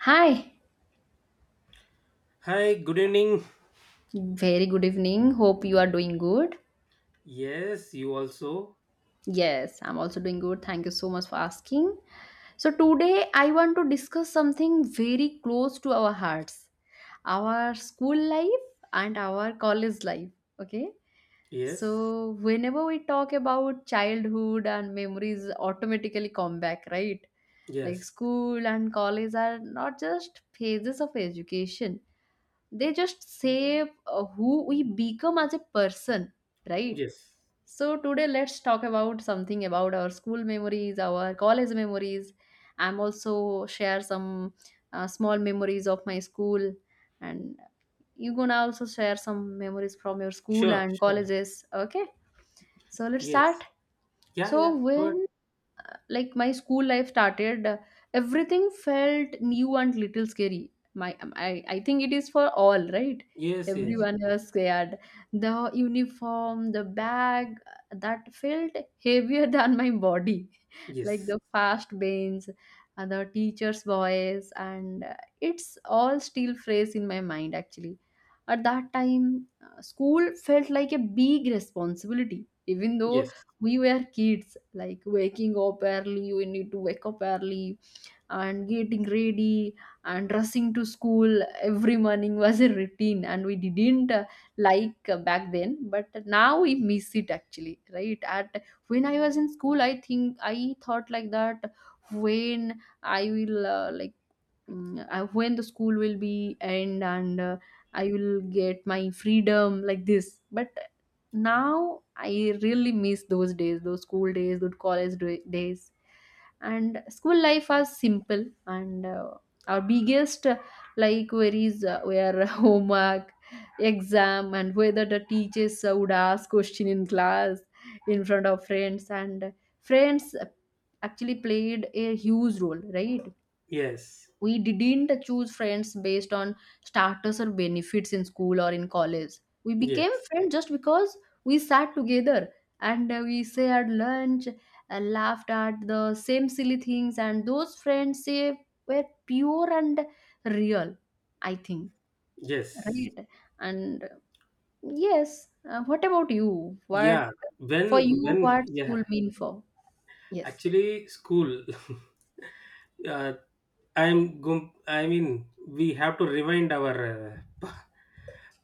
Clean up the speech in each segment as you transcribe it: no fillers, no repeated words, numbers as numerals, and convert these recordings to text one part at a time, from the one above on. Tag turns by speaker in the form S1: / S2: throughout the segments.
S1: Hi,
S2: Hi, good evening.
S1: very good evening. Hope you are doing good.
S2: Yes, you also.
S1: Yes, I'm also doing good. Thank you so much for asking. So today I want to discuss something very close to our hearts, our school life and our college life. Okay,
S2: Yes,
S1: so whenever we talk about childhood and memories, automatically come back, right? Like,
S2: yes,
S1: school and college are not just phases of education. They just say who we become as a person, right?
S2: yes.
S1: So today let's talk about something about our school memories, our college memories. I'm also share some small memories of my school, and you gonna also share some memories from your school
S2: Sure,
S1: and
S2: sure.
S1: colleges, okay? So let's
S2: Yes.
S1: start.
S2: Yeah,
S1: So
S2: yeah. But
S1: when, like my school life started, everything felt new and little scary. My I think it is for all, right?
S2: yes, yes,
S1: Everyone was scared. The uniform, the bag, that felt heavier than my body. Like
S2: yes,
S1: the fast bangs and the teacher's voice and it's all still fresh in my mind actually. At that time, school felt like a big responsibility, even though
S2: yes,
S1: we were kids. Like waking up early, we need to wake up early and getting ready and rushing to school every morning was a routine, and we didn't, like, back then, but now we miss it actually, right? At when I was in school, I think I thought like that, when I will, like, when the school will be end, and I will get my freedom like this, but now I really miss those days, those school days, those days. And school life was simple, and our biggest, like, worries were homework, exam, and whether the teachers would ask question in class in front of friends. And friends actually played a huge role, right?
S2: yes,
S1: We didn't choose friends based on status or benefits in school or in college. We became
S2: yes,
S1: friends just because we sat together and we shared lunch, laughed at the same silly things. And those friends say were pure and real, I think,
S2: yes.
S1: right? And yes what about you? What
S2: Yeah.
S1: for you, what school
S2: Yeah.
S1: mean for? Yes,
S2: Actually, school. uh, I mean, we have to rewind our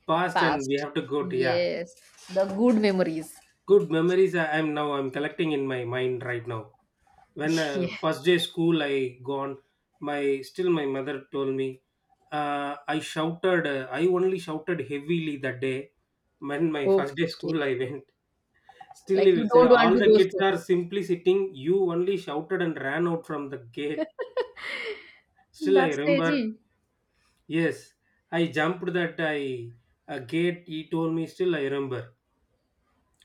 S2: past, and we
S1: past,
S2: have to go to, yeah.
S1: yes, the good memories.
S2: Good memories I'm now, I'm collecting in my mind right now. when uh,
S1: Yeah.
S2: first day school I gone. My, still my mother told me, I only shouted heavily that day when my first day
S1: Okay.
S2: school I went. Still
S1: Like
S2: he
S1: you
S2: will say
S1: don't want
S2: all
S1: to
S2: the
S1: go
S2: kids
S1: school.
S2: are simply sitting, you only shouted and ran out from the gate. Still I
S1: That's
S2: remember,
S1: crazy.
S2: yes. I jumped that, I a gate, he told me, still I remember.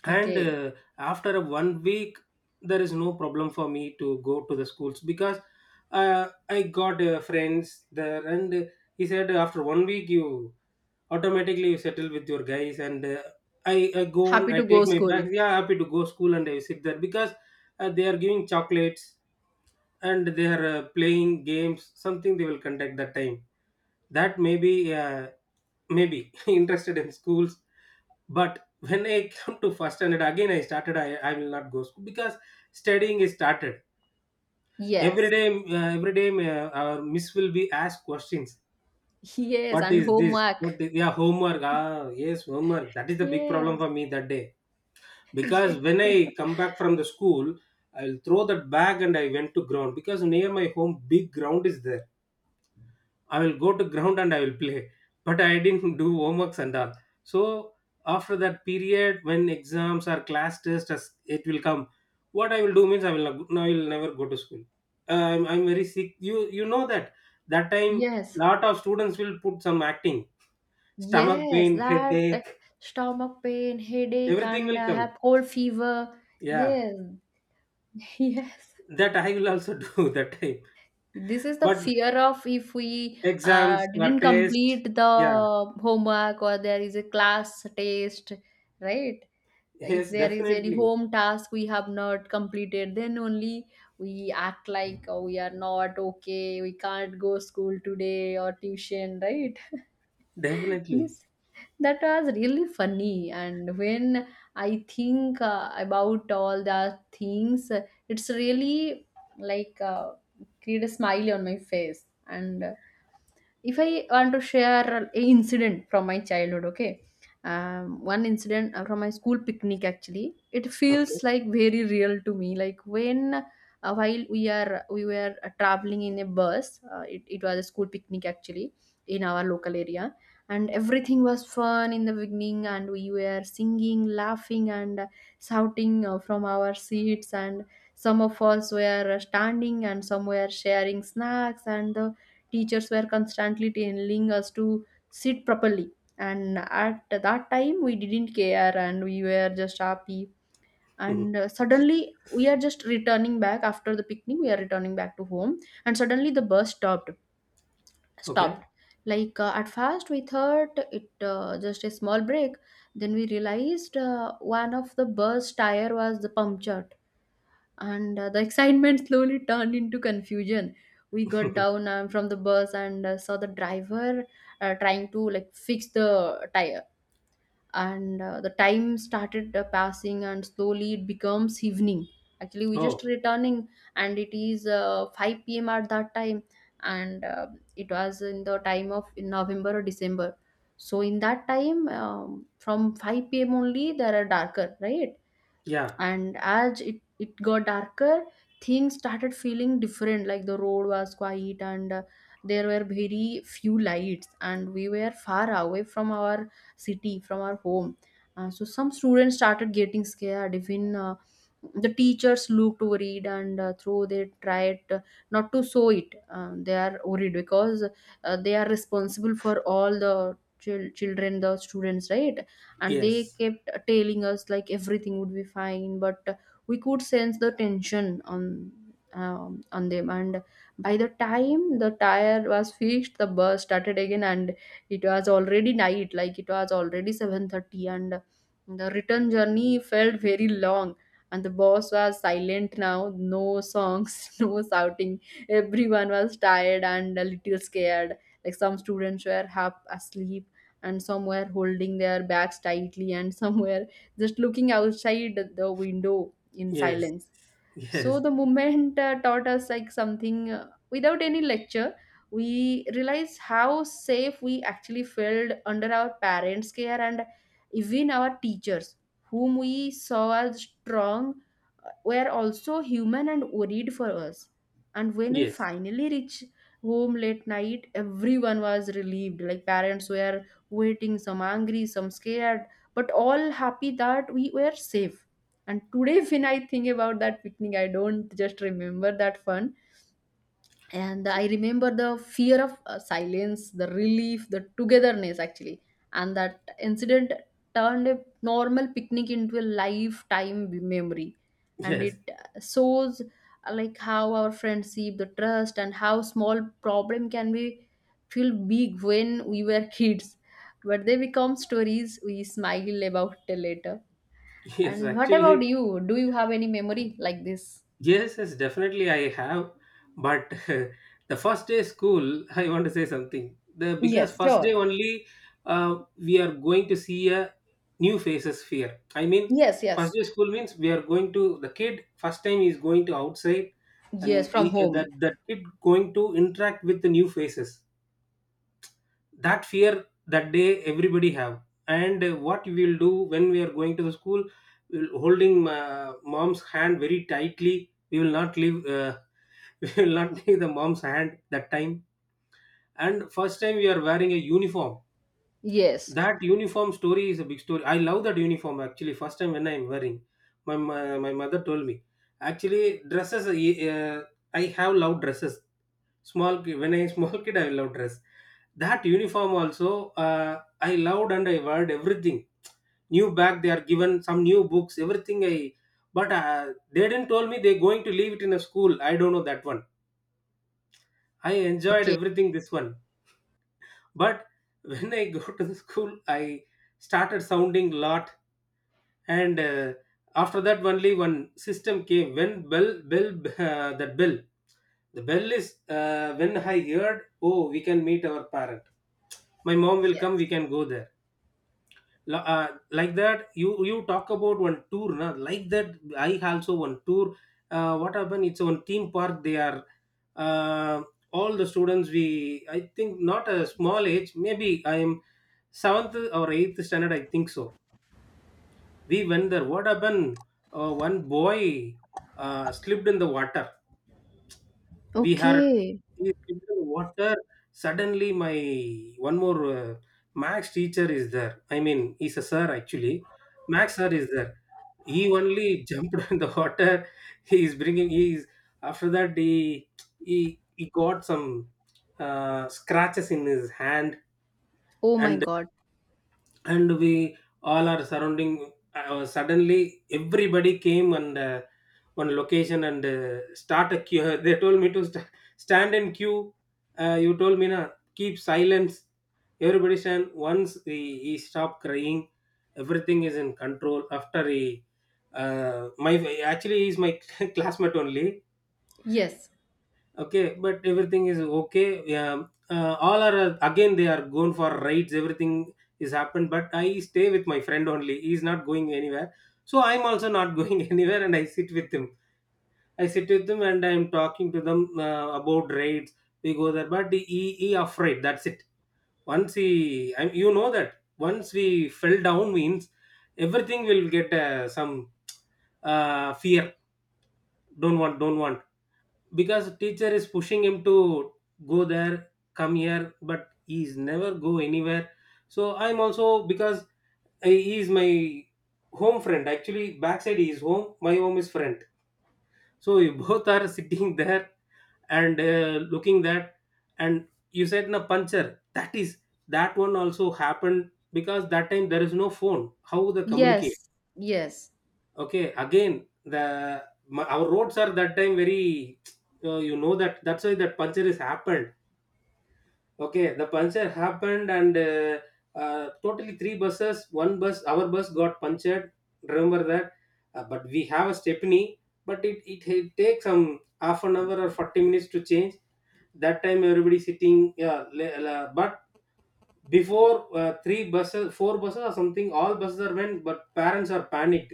S2: And
S1: Okay.
S2: After a 1 week there is no problem for me to go to the schools, because I got friends there. And He said after 1 week you automatically you settle with your guys, and I go
S1: Happy
S2: and I
S1: to go
S2: take my
S1: school.
S2: bags, yeah, happy to go school, and I sit there because they are giving chocolates, and they are playing games, something they will conduct that time. That maybe be uh, maybe interested in schools. But when I come to first standard again, I started, I will not go school because studying is started.
S1: Yes.
S2: Every day our miss will be asked questions.
S1: Yes.
S2: What
S1: And
S2: is this,
S1: homework.
S2: yeah, homework, ah, yes, homework, that is the big problem
S1: Yes.
S2: for me that day, because when I come back from the school, I'll throw that bag and I went to ground, because near my home big ground is there. I will go to ground and I will play. But I didn't do homeworks and all. So after that period, when exams or class tests, as it will come. What I will do means I will not, I will never go to school. I'm very sick. You know that, that time
S1: Yes. Yes.
S2: lot of students will put some acting, stomach
S1: Yes.
S2: pain,
S1: That
S2: headache,
S1: stomach pain, headache,
S2: everything
S1: and
S2: will
S1: I
S2: come.
S1: have cold fever.
S2: Yeah,
S1: Yes. Yes.
S2: that I will also do that time.
S1: This is the
S2: But
S1: fear of if we
S2: exams or
S1: didn't
S2: test,
S1: complete
S2: yeah,
S1: the homework or there is a class test, right? Like, if
S2: yes,
S1: there is any
S2: definitely,
S1: home task we have not completed, then only we act like, oh, we are not okay, we can't go school today or tuition, right? This,
S2: definitely.
S1: that was really funny. And when I think about all the things, it's really, like, create a smile on my face. And if I want to share a incident from my childhood, okay, one incident from my school picnic, actually, it
S2: Okay,
S1: feels like very real to me. Like, when while we are we were traveling in a bus, it was a school picnic actually, in our local area, and everything was fun in the beginning, and we were singing, laughing, and shouting from our seats, and some of us were standing and some were sharing snacks, and the teachers were constantly telling us to sit properly, and at that time we didn't care and we were just happy. And suddenly, we are just returning back after the picnic, we are returning back to home, and suddenly the bus stopped
S2: okay.
S1: stopped Like, at first we thought it just a small break, then we realized one of the bus tire was the punctured, and the excitement slowly turned into confusion. We got down from the bus and saw the driver trying to, like, fix the tire. And the time started passing, and slowly it becomes evening. Actually, we just
S2: Oh,
S1: returning, and it is 5 p.m at that time. And it was in the time of in November or December, so in that time, from 5 p.m only there are darker, right?
S2: yeah,
S1: And as it got darker, things started feeling different. Like, the road was quiet and there were very few lights and we were far away from our city, from our home. So some students started getting scared. Even the teachers looked worried, and though they tried not to show it, they are worried, because they are responsible for all the children, the students, right? And they
S2: yes,
S1: kept telling us like everything would be fine, but we could sense the tension on, on them. And by the time the tire was fixed, the bus started again, and it was already night. Like, it was already 7:30, and the return journey felt very long. And the boss was silent now, no songs, no shouting. Everyone was tired and a little scared. Like, some students were half asleep, and some were holding their bags tightly, and some were just looking outside the window in
S2: yes,
S1: silence. So
S2: yes,
S1: the movement, taught us like something without any lecture. We realized how safe we actually felt under our parents care, and even our teachers, whom we saw as strong, were also human and worried for us. And when we
S2: yes,
S1: finally reached home late night, everyone was relieved. Like, parents were waiting, some angry, some scared, but all happy that we were safe. And today when I think about that picnic, I don't just remember that fun, and I remember the fear of, silence, the relief, the togetherness, actually. And that incident turned a normal picnic into a lifetime memory. And it
S2: yes,
S1: shows, like, how our friendship, the trust, and how small problem can be feel big when we were kids, but they become stories we smile about later.
S2: yes.
S1: And what about
S2: Actually,
S1: you? Do you have any memory like this?
S2: yes, yes, definitely I have. But the first day school, I want to say something. The, because
S1: Yes,
S2: first day
S1: sure.
S2: only, we are going to see a new faces fear. I mean,
S1: Yes,
S2: first
S1: yes.
S2: day school means we are going to the kid, first time is going to outside,
S1: Yes,
S2: and
S1: from
S2: he,
S1: home.
S2: that kid going to interact with the new faces, that fear that day everybody have. And What we will do when we are going to the school, we'll holding mom's hand very tightly, we will not leave we will not leave the mom's hand that time. And first time we are wearing a uniform.
S1: Yes.
S2: That uniform story is a big story. I love that uniform. Actually, first time when I'm wearing, my mother told me, actually dresses I have loved dresses. When I small kid I loved dress. That uniform also I loved, and I wore everything. New bag, they are given some new books, everything I, but they didn't tell me they're going to leave it in a school, I don't know that one. I enjoyed
S1: Okay.
S2: everything this one, but when I go to the school, I started sounding lot. And After that only one system came when bell, that bell, the bell is, when I heard, oh, we can meet our parent, my mom will come,
S1: Yes.
S2: we can go there. Like that, you talk about one tour, na? Like that I also one tour. What happened, it's one theme park they are, uh, all the students, we, I think not a small age, maybe I am seventh or eighth standard, I think so. We went there, what happened, one boy slipped in the water. We had,
S1: Okay.
S2: he slipped in the water. Suddenly my, one more max teacher is there, I mean he's a sir actually, max sir is there. He only jumped in the water. He is bringing, he is, after that he, he got some scratches in his hand.
S1: Oh my
S2: and
S1: God.
S2: and we all are surrounding. Suddenly everybody came, and one location, and start a queue. They told me to stand in queue. You told me, na, keep silence, everybody stand. Once he stopped crying, everything is in control. After he, my actually he's my classmate only.
S1: Yes.
S2: Okay, but everything is okay, yeah. All are Again they are going for rides, everything is happened, but I stay with my friend only, he's not going anywhere. So I'm also not going anywhere, and I sit with him. I sit with them, and I'm talking to them about raids. We go there, but he afraid, that's it. Once he, you know that once we fell down means everything will get some fear. Don't want, don't want, because teacher is pushing him to go there, come here, but he's never go anywhere. So I'm also, because he is my home friend. Actually backside he is home, my home is friend, so we both are sitting there, and looking that. And you said, na, puncher, that is, that one also happened, because that time there is no phone, how the communicate.
S1: Yes. Yes.
S2: Okay, again the, our roads are that time very you know that, that's why that puncture is happened. Okay, the puncture happened and totally three buses, one bus, our bus got punctured. Remember that, but we have a stepney, but it takes some half an hour or 40 minutes to change. That time everybody sitting, yeah, but before three buses, four buses or something, all buses are went, but parents are panicked.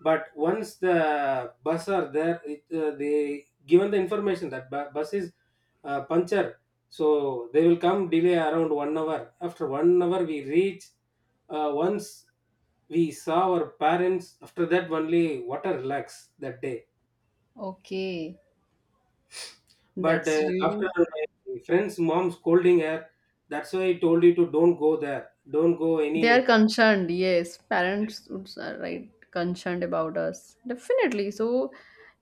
S2: But once the bus are there, it, they given the information that bus is punctured, so they will come delay around 1 hour, after 1 hour we reach. Once we saw our parents, after that only water relax that day.
S1: Okay.
S2: But
S1: That's really.
S2: after, my friend's mom scolding her, that's why I told you to don't go there, don't go
S1: They are
S2: any,
S1: concerned, yes. Parents would s- are right, concerned about us. Definitely. So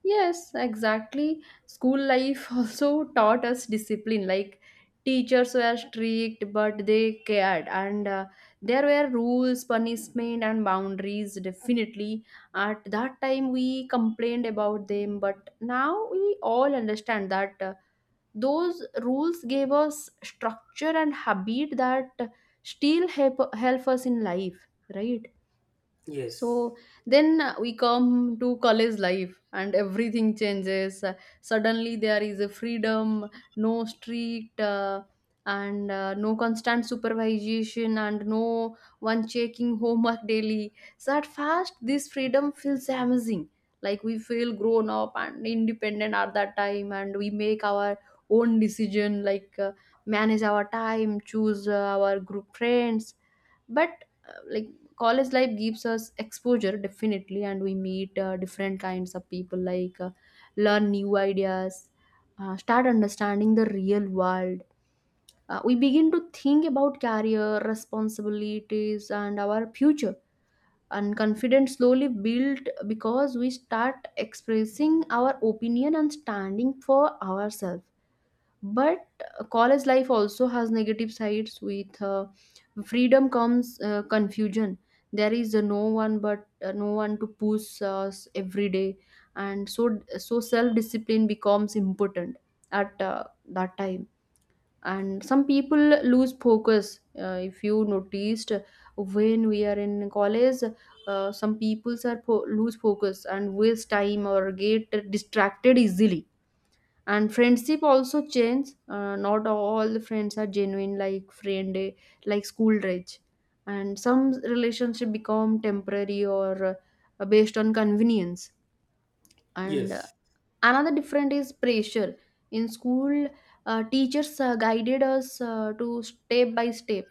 S1: yes, exactly. School life also taught us discipline. Like, teachers were strict, but they cared, and there were rules, punishment, and boundaries. Definitely, at that time we complained about them, but now we all understand that. Those rules gave us structure and habit that still help us in life, right?
S2: yes,
S1: So then we come to college life, and everything changes. Suddenly there is a freedom. No strict, and no constant supervision and no one checking homework daily. So at first this freedom feels amazing. Like, we feel grown up and independent at that time, and we make our own decision, like, manage our time, choose our group friends. But like, college life gives us exposure, definitely, and we meet different kinds of people, like, learn new ideas, start understanding the real world. We begin to think about career, responsibilities, and our future, and confidence slowly built because we start expressing our opinion and standing for ourselves. But college life also has negative sides. With freedom comes confusion. There is no one to push us every day, and so self discipline becomes important at that time. And some people lose focus, if you noticed, when we are in college, some people are lose focus and waste time or get distracted easily. And friendship also change. Not all the friends are genuine, like friend, like school rage, and some relationship become temporary or based on convenience. And
S2: yes,
S1: another different is pressure. In school, teachers guided us to step by step,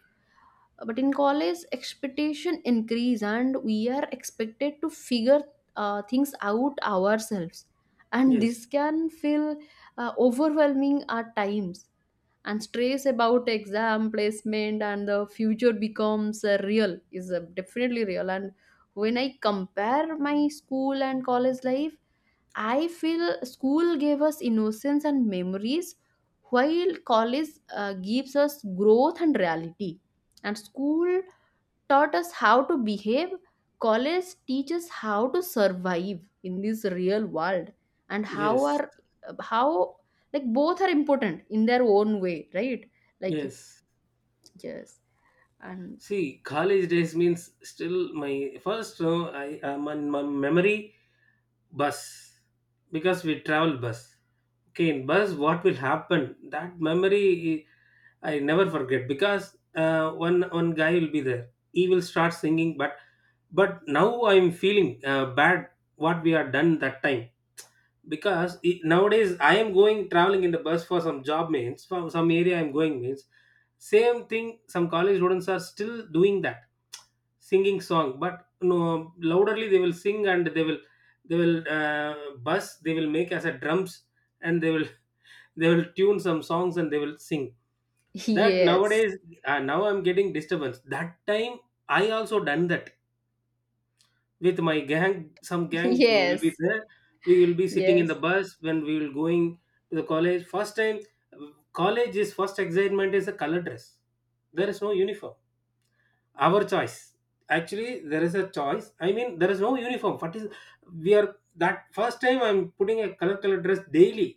S1: but in college, expectation increase, and we are expected to figure things out ourselves, and this
S2: yes, yes,
S1: can feel overwhelming at times. And stress about exam, placement, and the future becomes real, is definitely real. And when I compare my school and college life, I feel school gave us innocence and memories, while college gives us growth and reality. And school taught us how to behave, college teaches how to survive in this real world. And how
S2: yes,
S1: are, how, like, both are important in their own way, right? Like, if
S2: yes.
S1: yes, and
S2: See, college days means, still my first. No, I am on my memory bus, because we travel bus. Okay, in bus, what will happen? That memory I never forget, because one guy will be there, he will start singing, but now I'm feeling bad what we are done that time. Because it, nowadays I am going traveling in the bus for some job, means from some area I'm going means, same thing. Some college students are still doing that, singing song, but no louderly they will sing, and they will, they will uh, buzz, they will make as a drums, and they will they will tune some songs and they will sing. That
S1: yes.
S2: nowadays, now I'm getting disturbance. That time I also done that with my gang, some gang we will be
S1: Yes,
S2: there, we will be sitting in the
S1: yes,
S2: bus when we will going to the college. First time college is first excitement is a color dress. There is no uniform, our choice. Actually there is a choice, I mean there is no uniform. What is, we are that first time I'm putting a color color dress daily,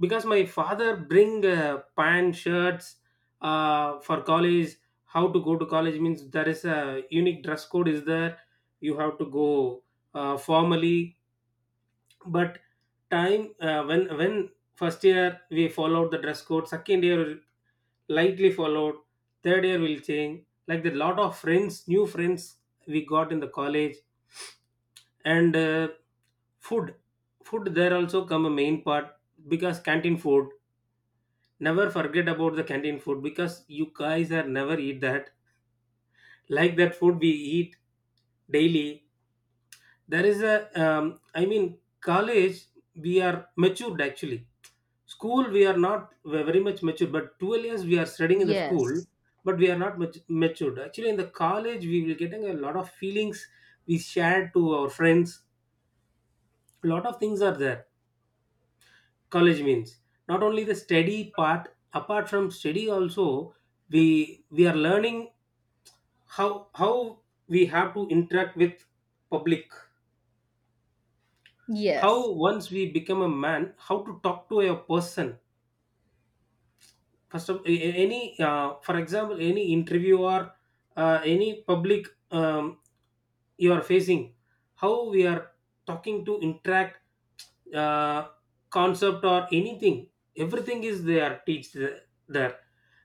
S2: because my father bring pants shirts for college. How to go to college means there is a unique dress code is there, you have to go formally. But time, when first year we followed the dress code, second year likely followed, third year will change, like the lot of friends, new friends we got in the college. And uh, food food there also come a main part, because canteen food, never forget about the canteen food, because you guys are never eat that. Like that food we eat daily. There is a, I mean college, we are matured actually. School we are not, we are very much matured, but 12 years we are studying in the school,
S1: yes,
S2: but we are not much matured. Actually in the college we will getting a lot of feelings, we share to our friends, a lot of things are there. College means not only the study part, apart from study also we are learning, how we have to interact with public.
S1: yes,
S2: How once we become a man, how to talk to a person. First of any, for example, any interview or any public, you are facing, how we are talking to interact, uh, concept or anything, everything is there teach there.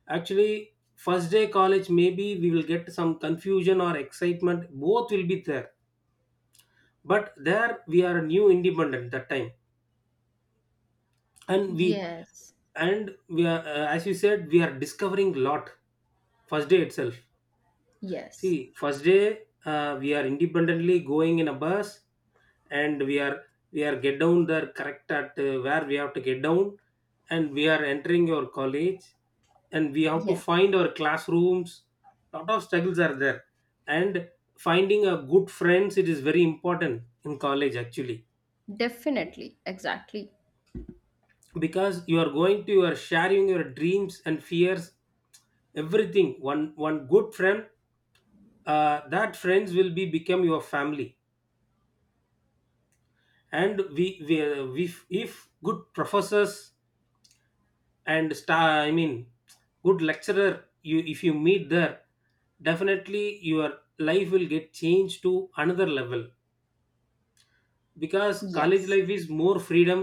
S2: Actually, first day college, maybe we will get some confusion or excitement, both will be there. But there we are new independent that time. and we
S1: yes,
S2: and we are, as you said, we are discovering lot first day itself.
S1: yes,
S2: See first day, we are independently going in a bus, and we are, we are get down there correct at where we have to get down, and we are entering your college, and we have to
S1: yes.
S2: find our classrooms. Lot of struggles are there. And finding a good friends, it is very important in college actually,
S1: Definitely, exactly.
S2: because you are going to, you are sharing your dreams and fears, everything, one one good friend. That friends will be become your family. And we if good professors and star, I mean good lecturer, you if you meet there, definitely your life will get changed to another level. Because college
S1: Yes,
S2: life is more freedom,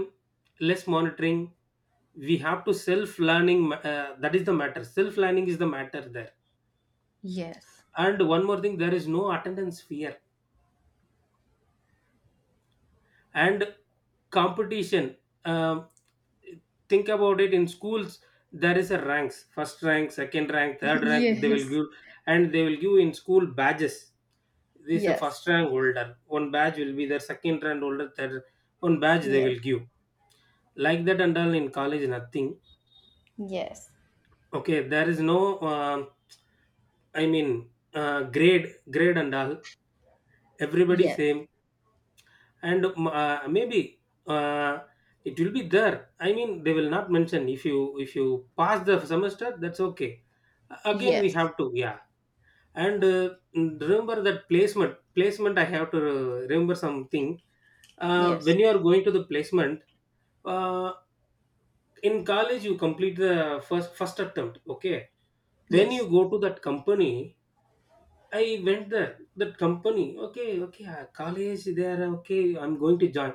S2: less monitoring. We have to self learning, that is the matter, self learning is the matter there.
S1: yes.
S2: And one more thing, there is no attendance fear and competition. um, think about it. In schools, there is a ranks, first rank, second rank, third rank they will
S1: Yes,
S2: give. And they will give in school badges. This is a
S1: yes,
S2: first rank holder, one badge will be their, second rank holder, third one badge they
S1: yes,
S2: will give, like that. And all in college, nothing.
S1: yes,
S2: Okay, there is no, grade and all, everybody
S1: yes,
S2: same. And maybe, uh, it will be there, I mean they will not mention. If you, if you pass the semester, that's okay. Again we
S1: yes.
S2: have to, yeah. And remember that placement, placement, I have to remember something.
S1: Yes.
S2: When you are going to the placement, uh, in college, you complete the first attempt okay. When
S1: Yes.
S2: you go to that company, I went there, that company, okay, okay, college there, okay, I'm going to join.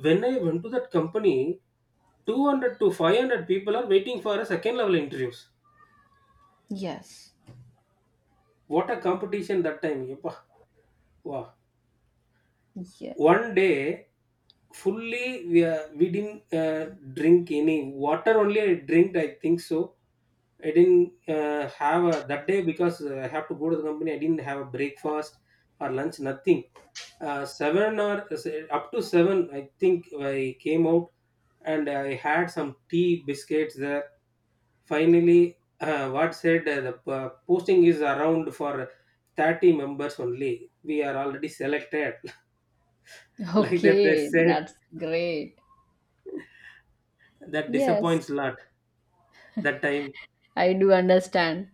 S2: When I went to that company, 200 to 500 people are waiting for a second level interviews.
S1: Yes.
S2: What a competition that time. Yeppa. Wow.
S1: Yes.
S2: One day, fully we didn't drink any water, only I drank, I think so. I didn't have a, that day, because I have to go to the company, I didn't have a breakfast or lunch, nothing. Seven or up to seven, I think I came out, and I had some tea biscuits there. Finally, what said, posting is around for 30 members only. We are already selected. Like that, they
S1: Okay,
S2: said.
S1: that's great.
S2: That
S1: Yes,
S2: disappoints lot that time.
S1: I do understand.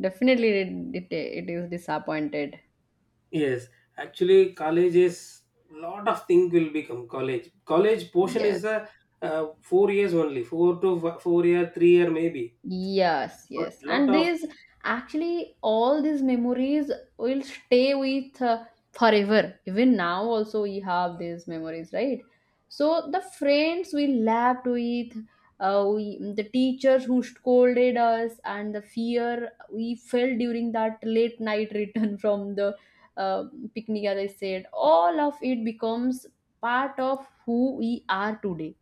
S1: Definitely, it is disappointed.
S2: Yes, actually, college is lot of thing will become college. College portion
S1: Yes.
S2: is a four years only, four year, three-year maybe.
S1: Yes,
S2: But
S1: yes.
S2: lot
S1: And
S2: of,
S1: these, actually all these memories will stay with, forever. Even now also we have these memories, right? So the friends we laughed with, the teachers who scolded us, and the fear we felt during that late night return from the, uh, picnic, as I said, all of it becomes part of who we are today.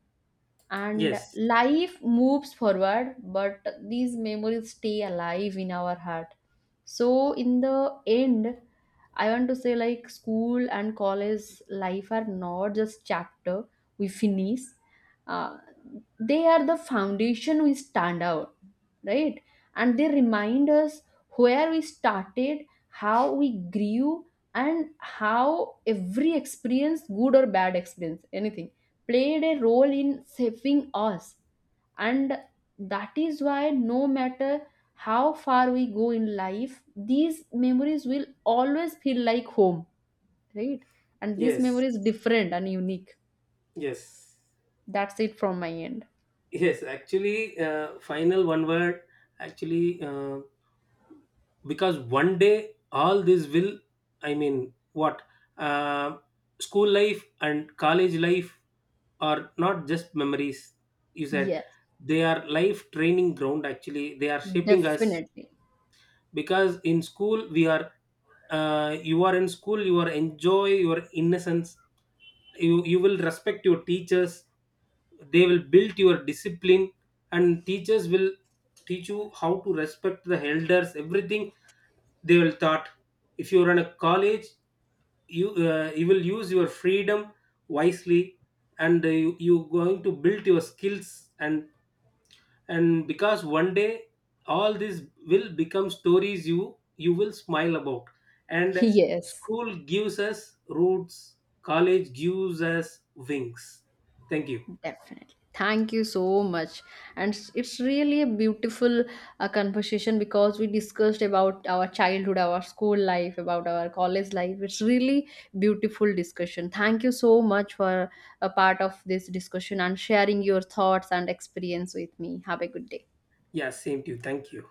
S1: And
S2: yes,
S1: life moves forward, but these memories stay alive in our heart. So in the end, I want to say, like, school and college life are not just chapter we finish. uh, they are the foundation we stand out, right? And they remind us where we started, how we grew, and how every experience, good or bad experience, anything, played a role in shaping us. And that is why, no matter how far we go in life, these memories will always feel like home, right? And this memory
S2: yes,
S1: is different and unique.
S2: yes,
S1: That's it from my end.
S2: yes. Actually, final one word. Actually, because one day all this will, I mean what, uh, school life and college life are not just memories, you said.
S1: Yes,
S2: They are life training ground, actually they are shaping us.
S1: definitely.
S2: Because in school we are, you are in school, you are enjoy your innocence. You will respect your teachers, they will build your discipline. And teachers will teach you how to respect the elders, everything. They will thought. If you run a college, you, you will use your freedom wisely. And you, going to build your skills and because one day all this will become stories you will smile about. And
S1: Yes.
S2: school gives us roots, college gives us wings. Thank you.
S1: Definitely, thank you so much. And it's really a beautiful conversation, because we discussed about our childhood, our school life, about our college life. It's really beautiful discussion. Thank you so much for a part of this discussion and sharing your thoughts and experience with me. Have a good day.
S2: Yeah, same to you, thank you.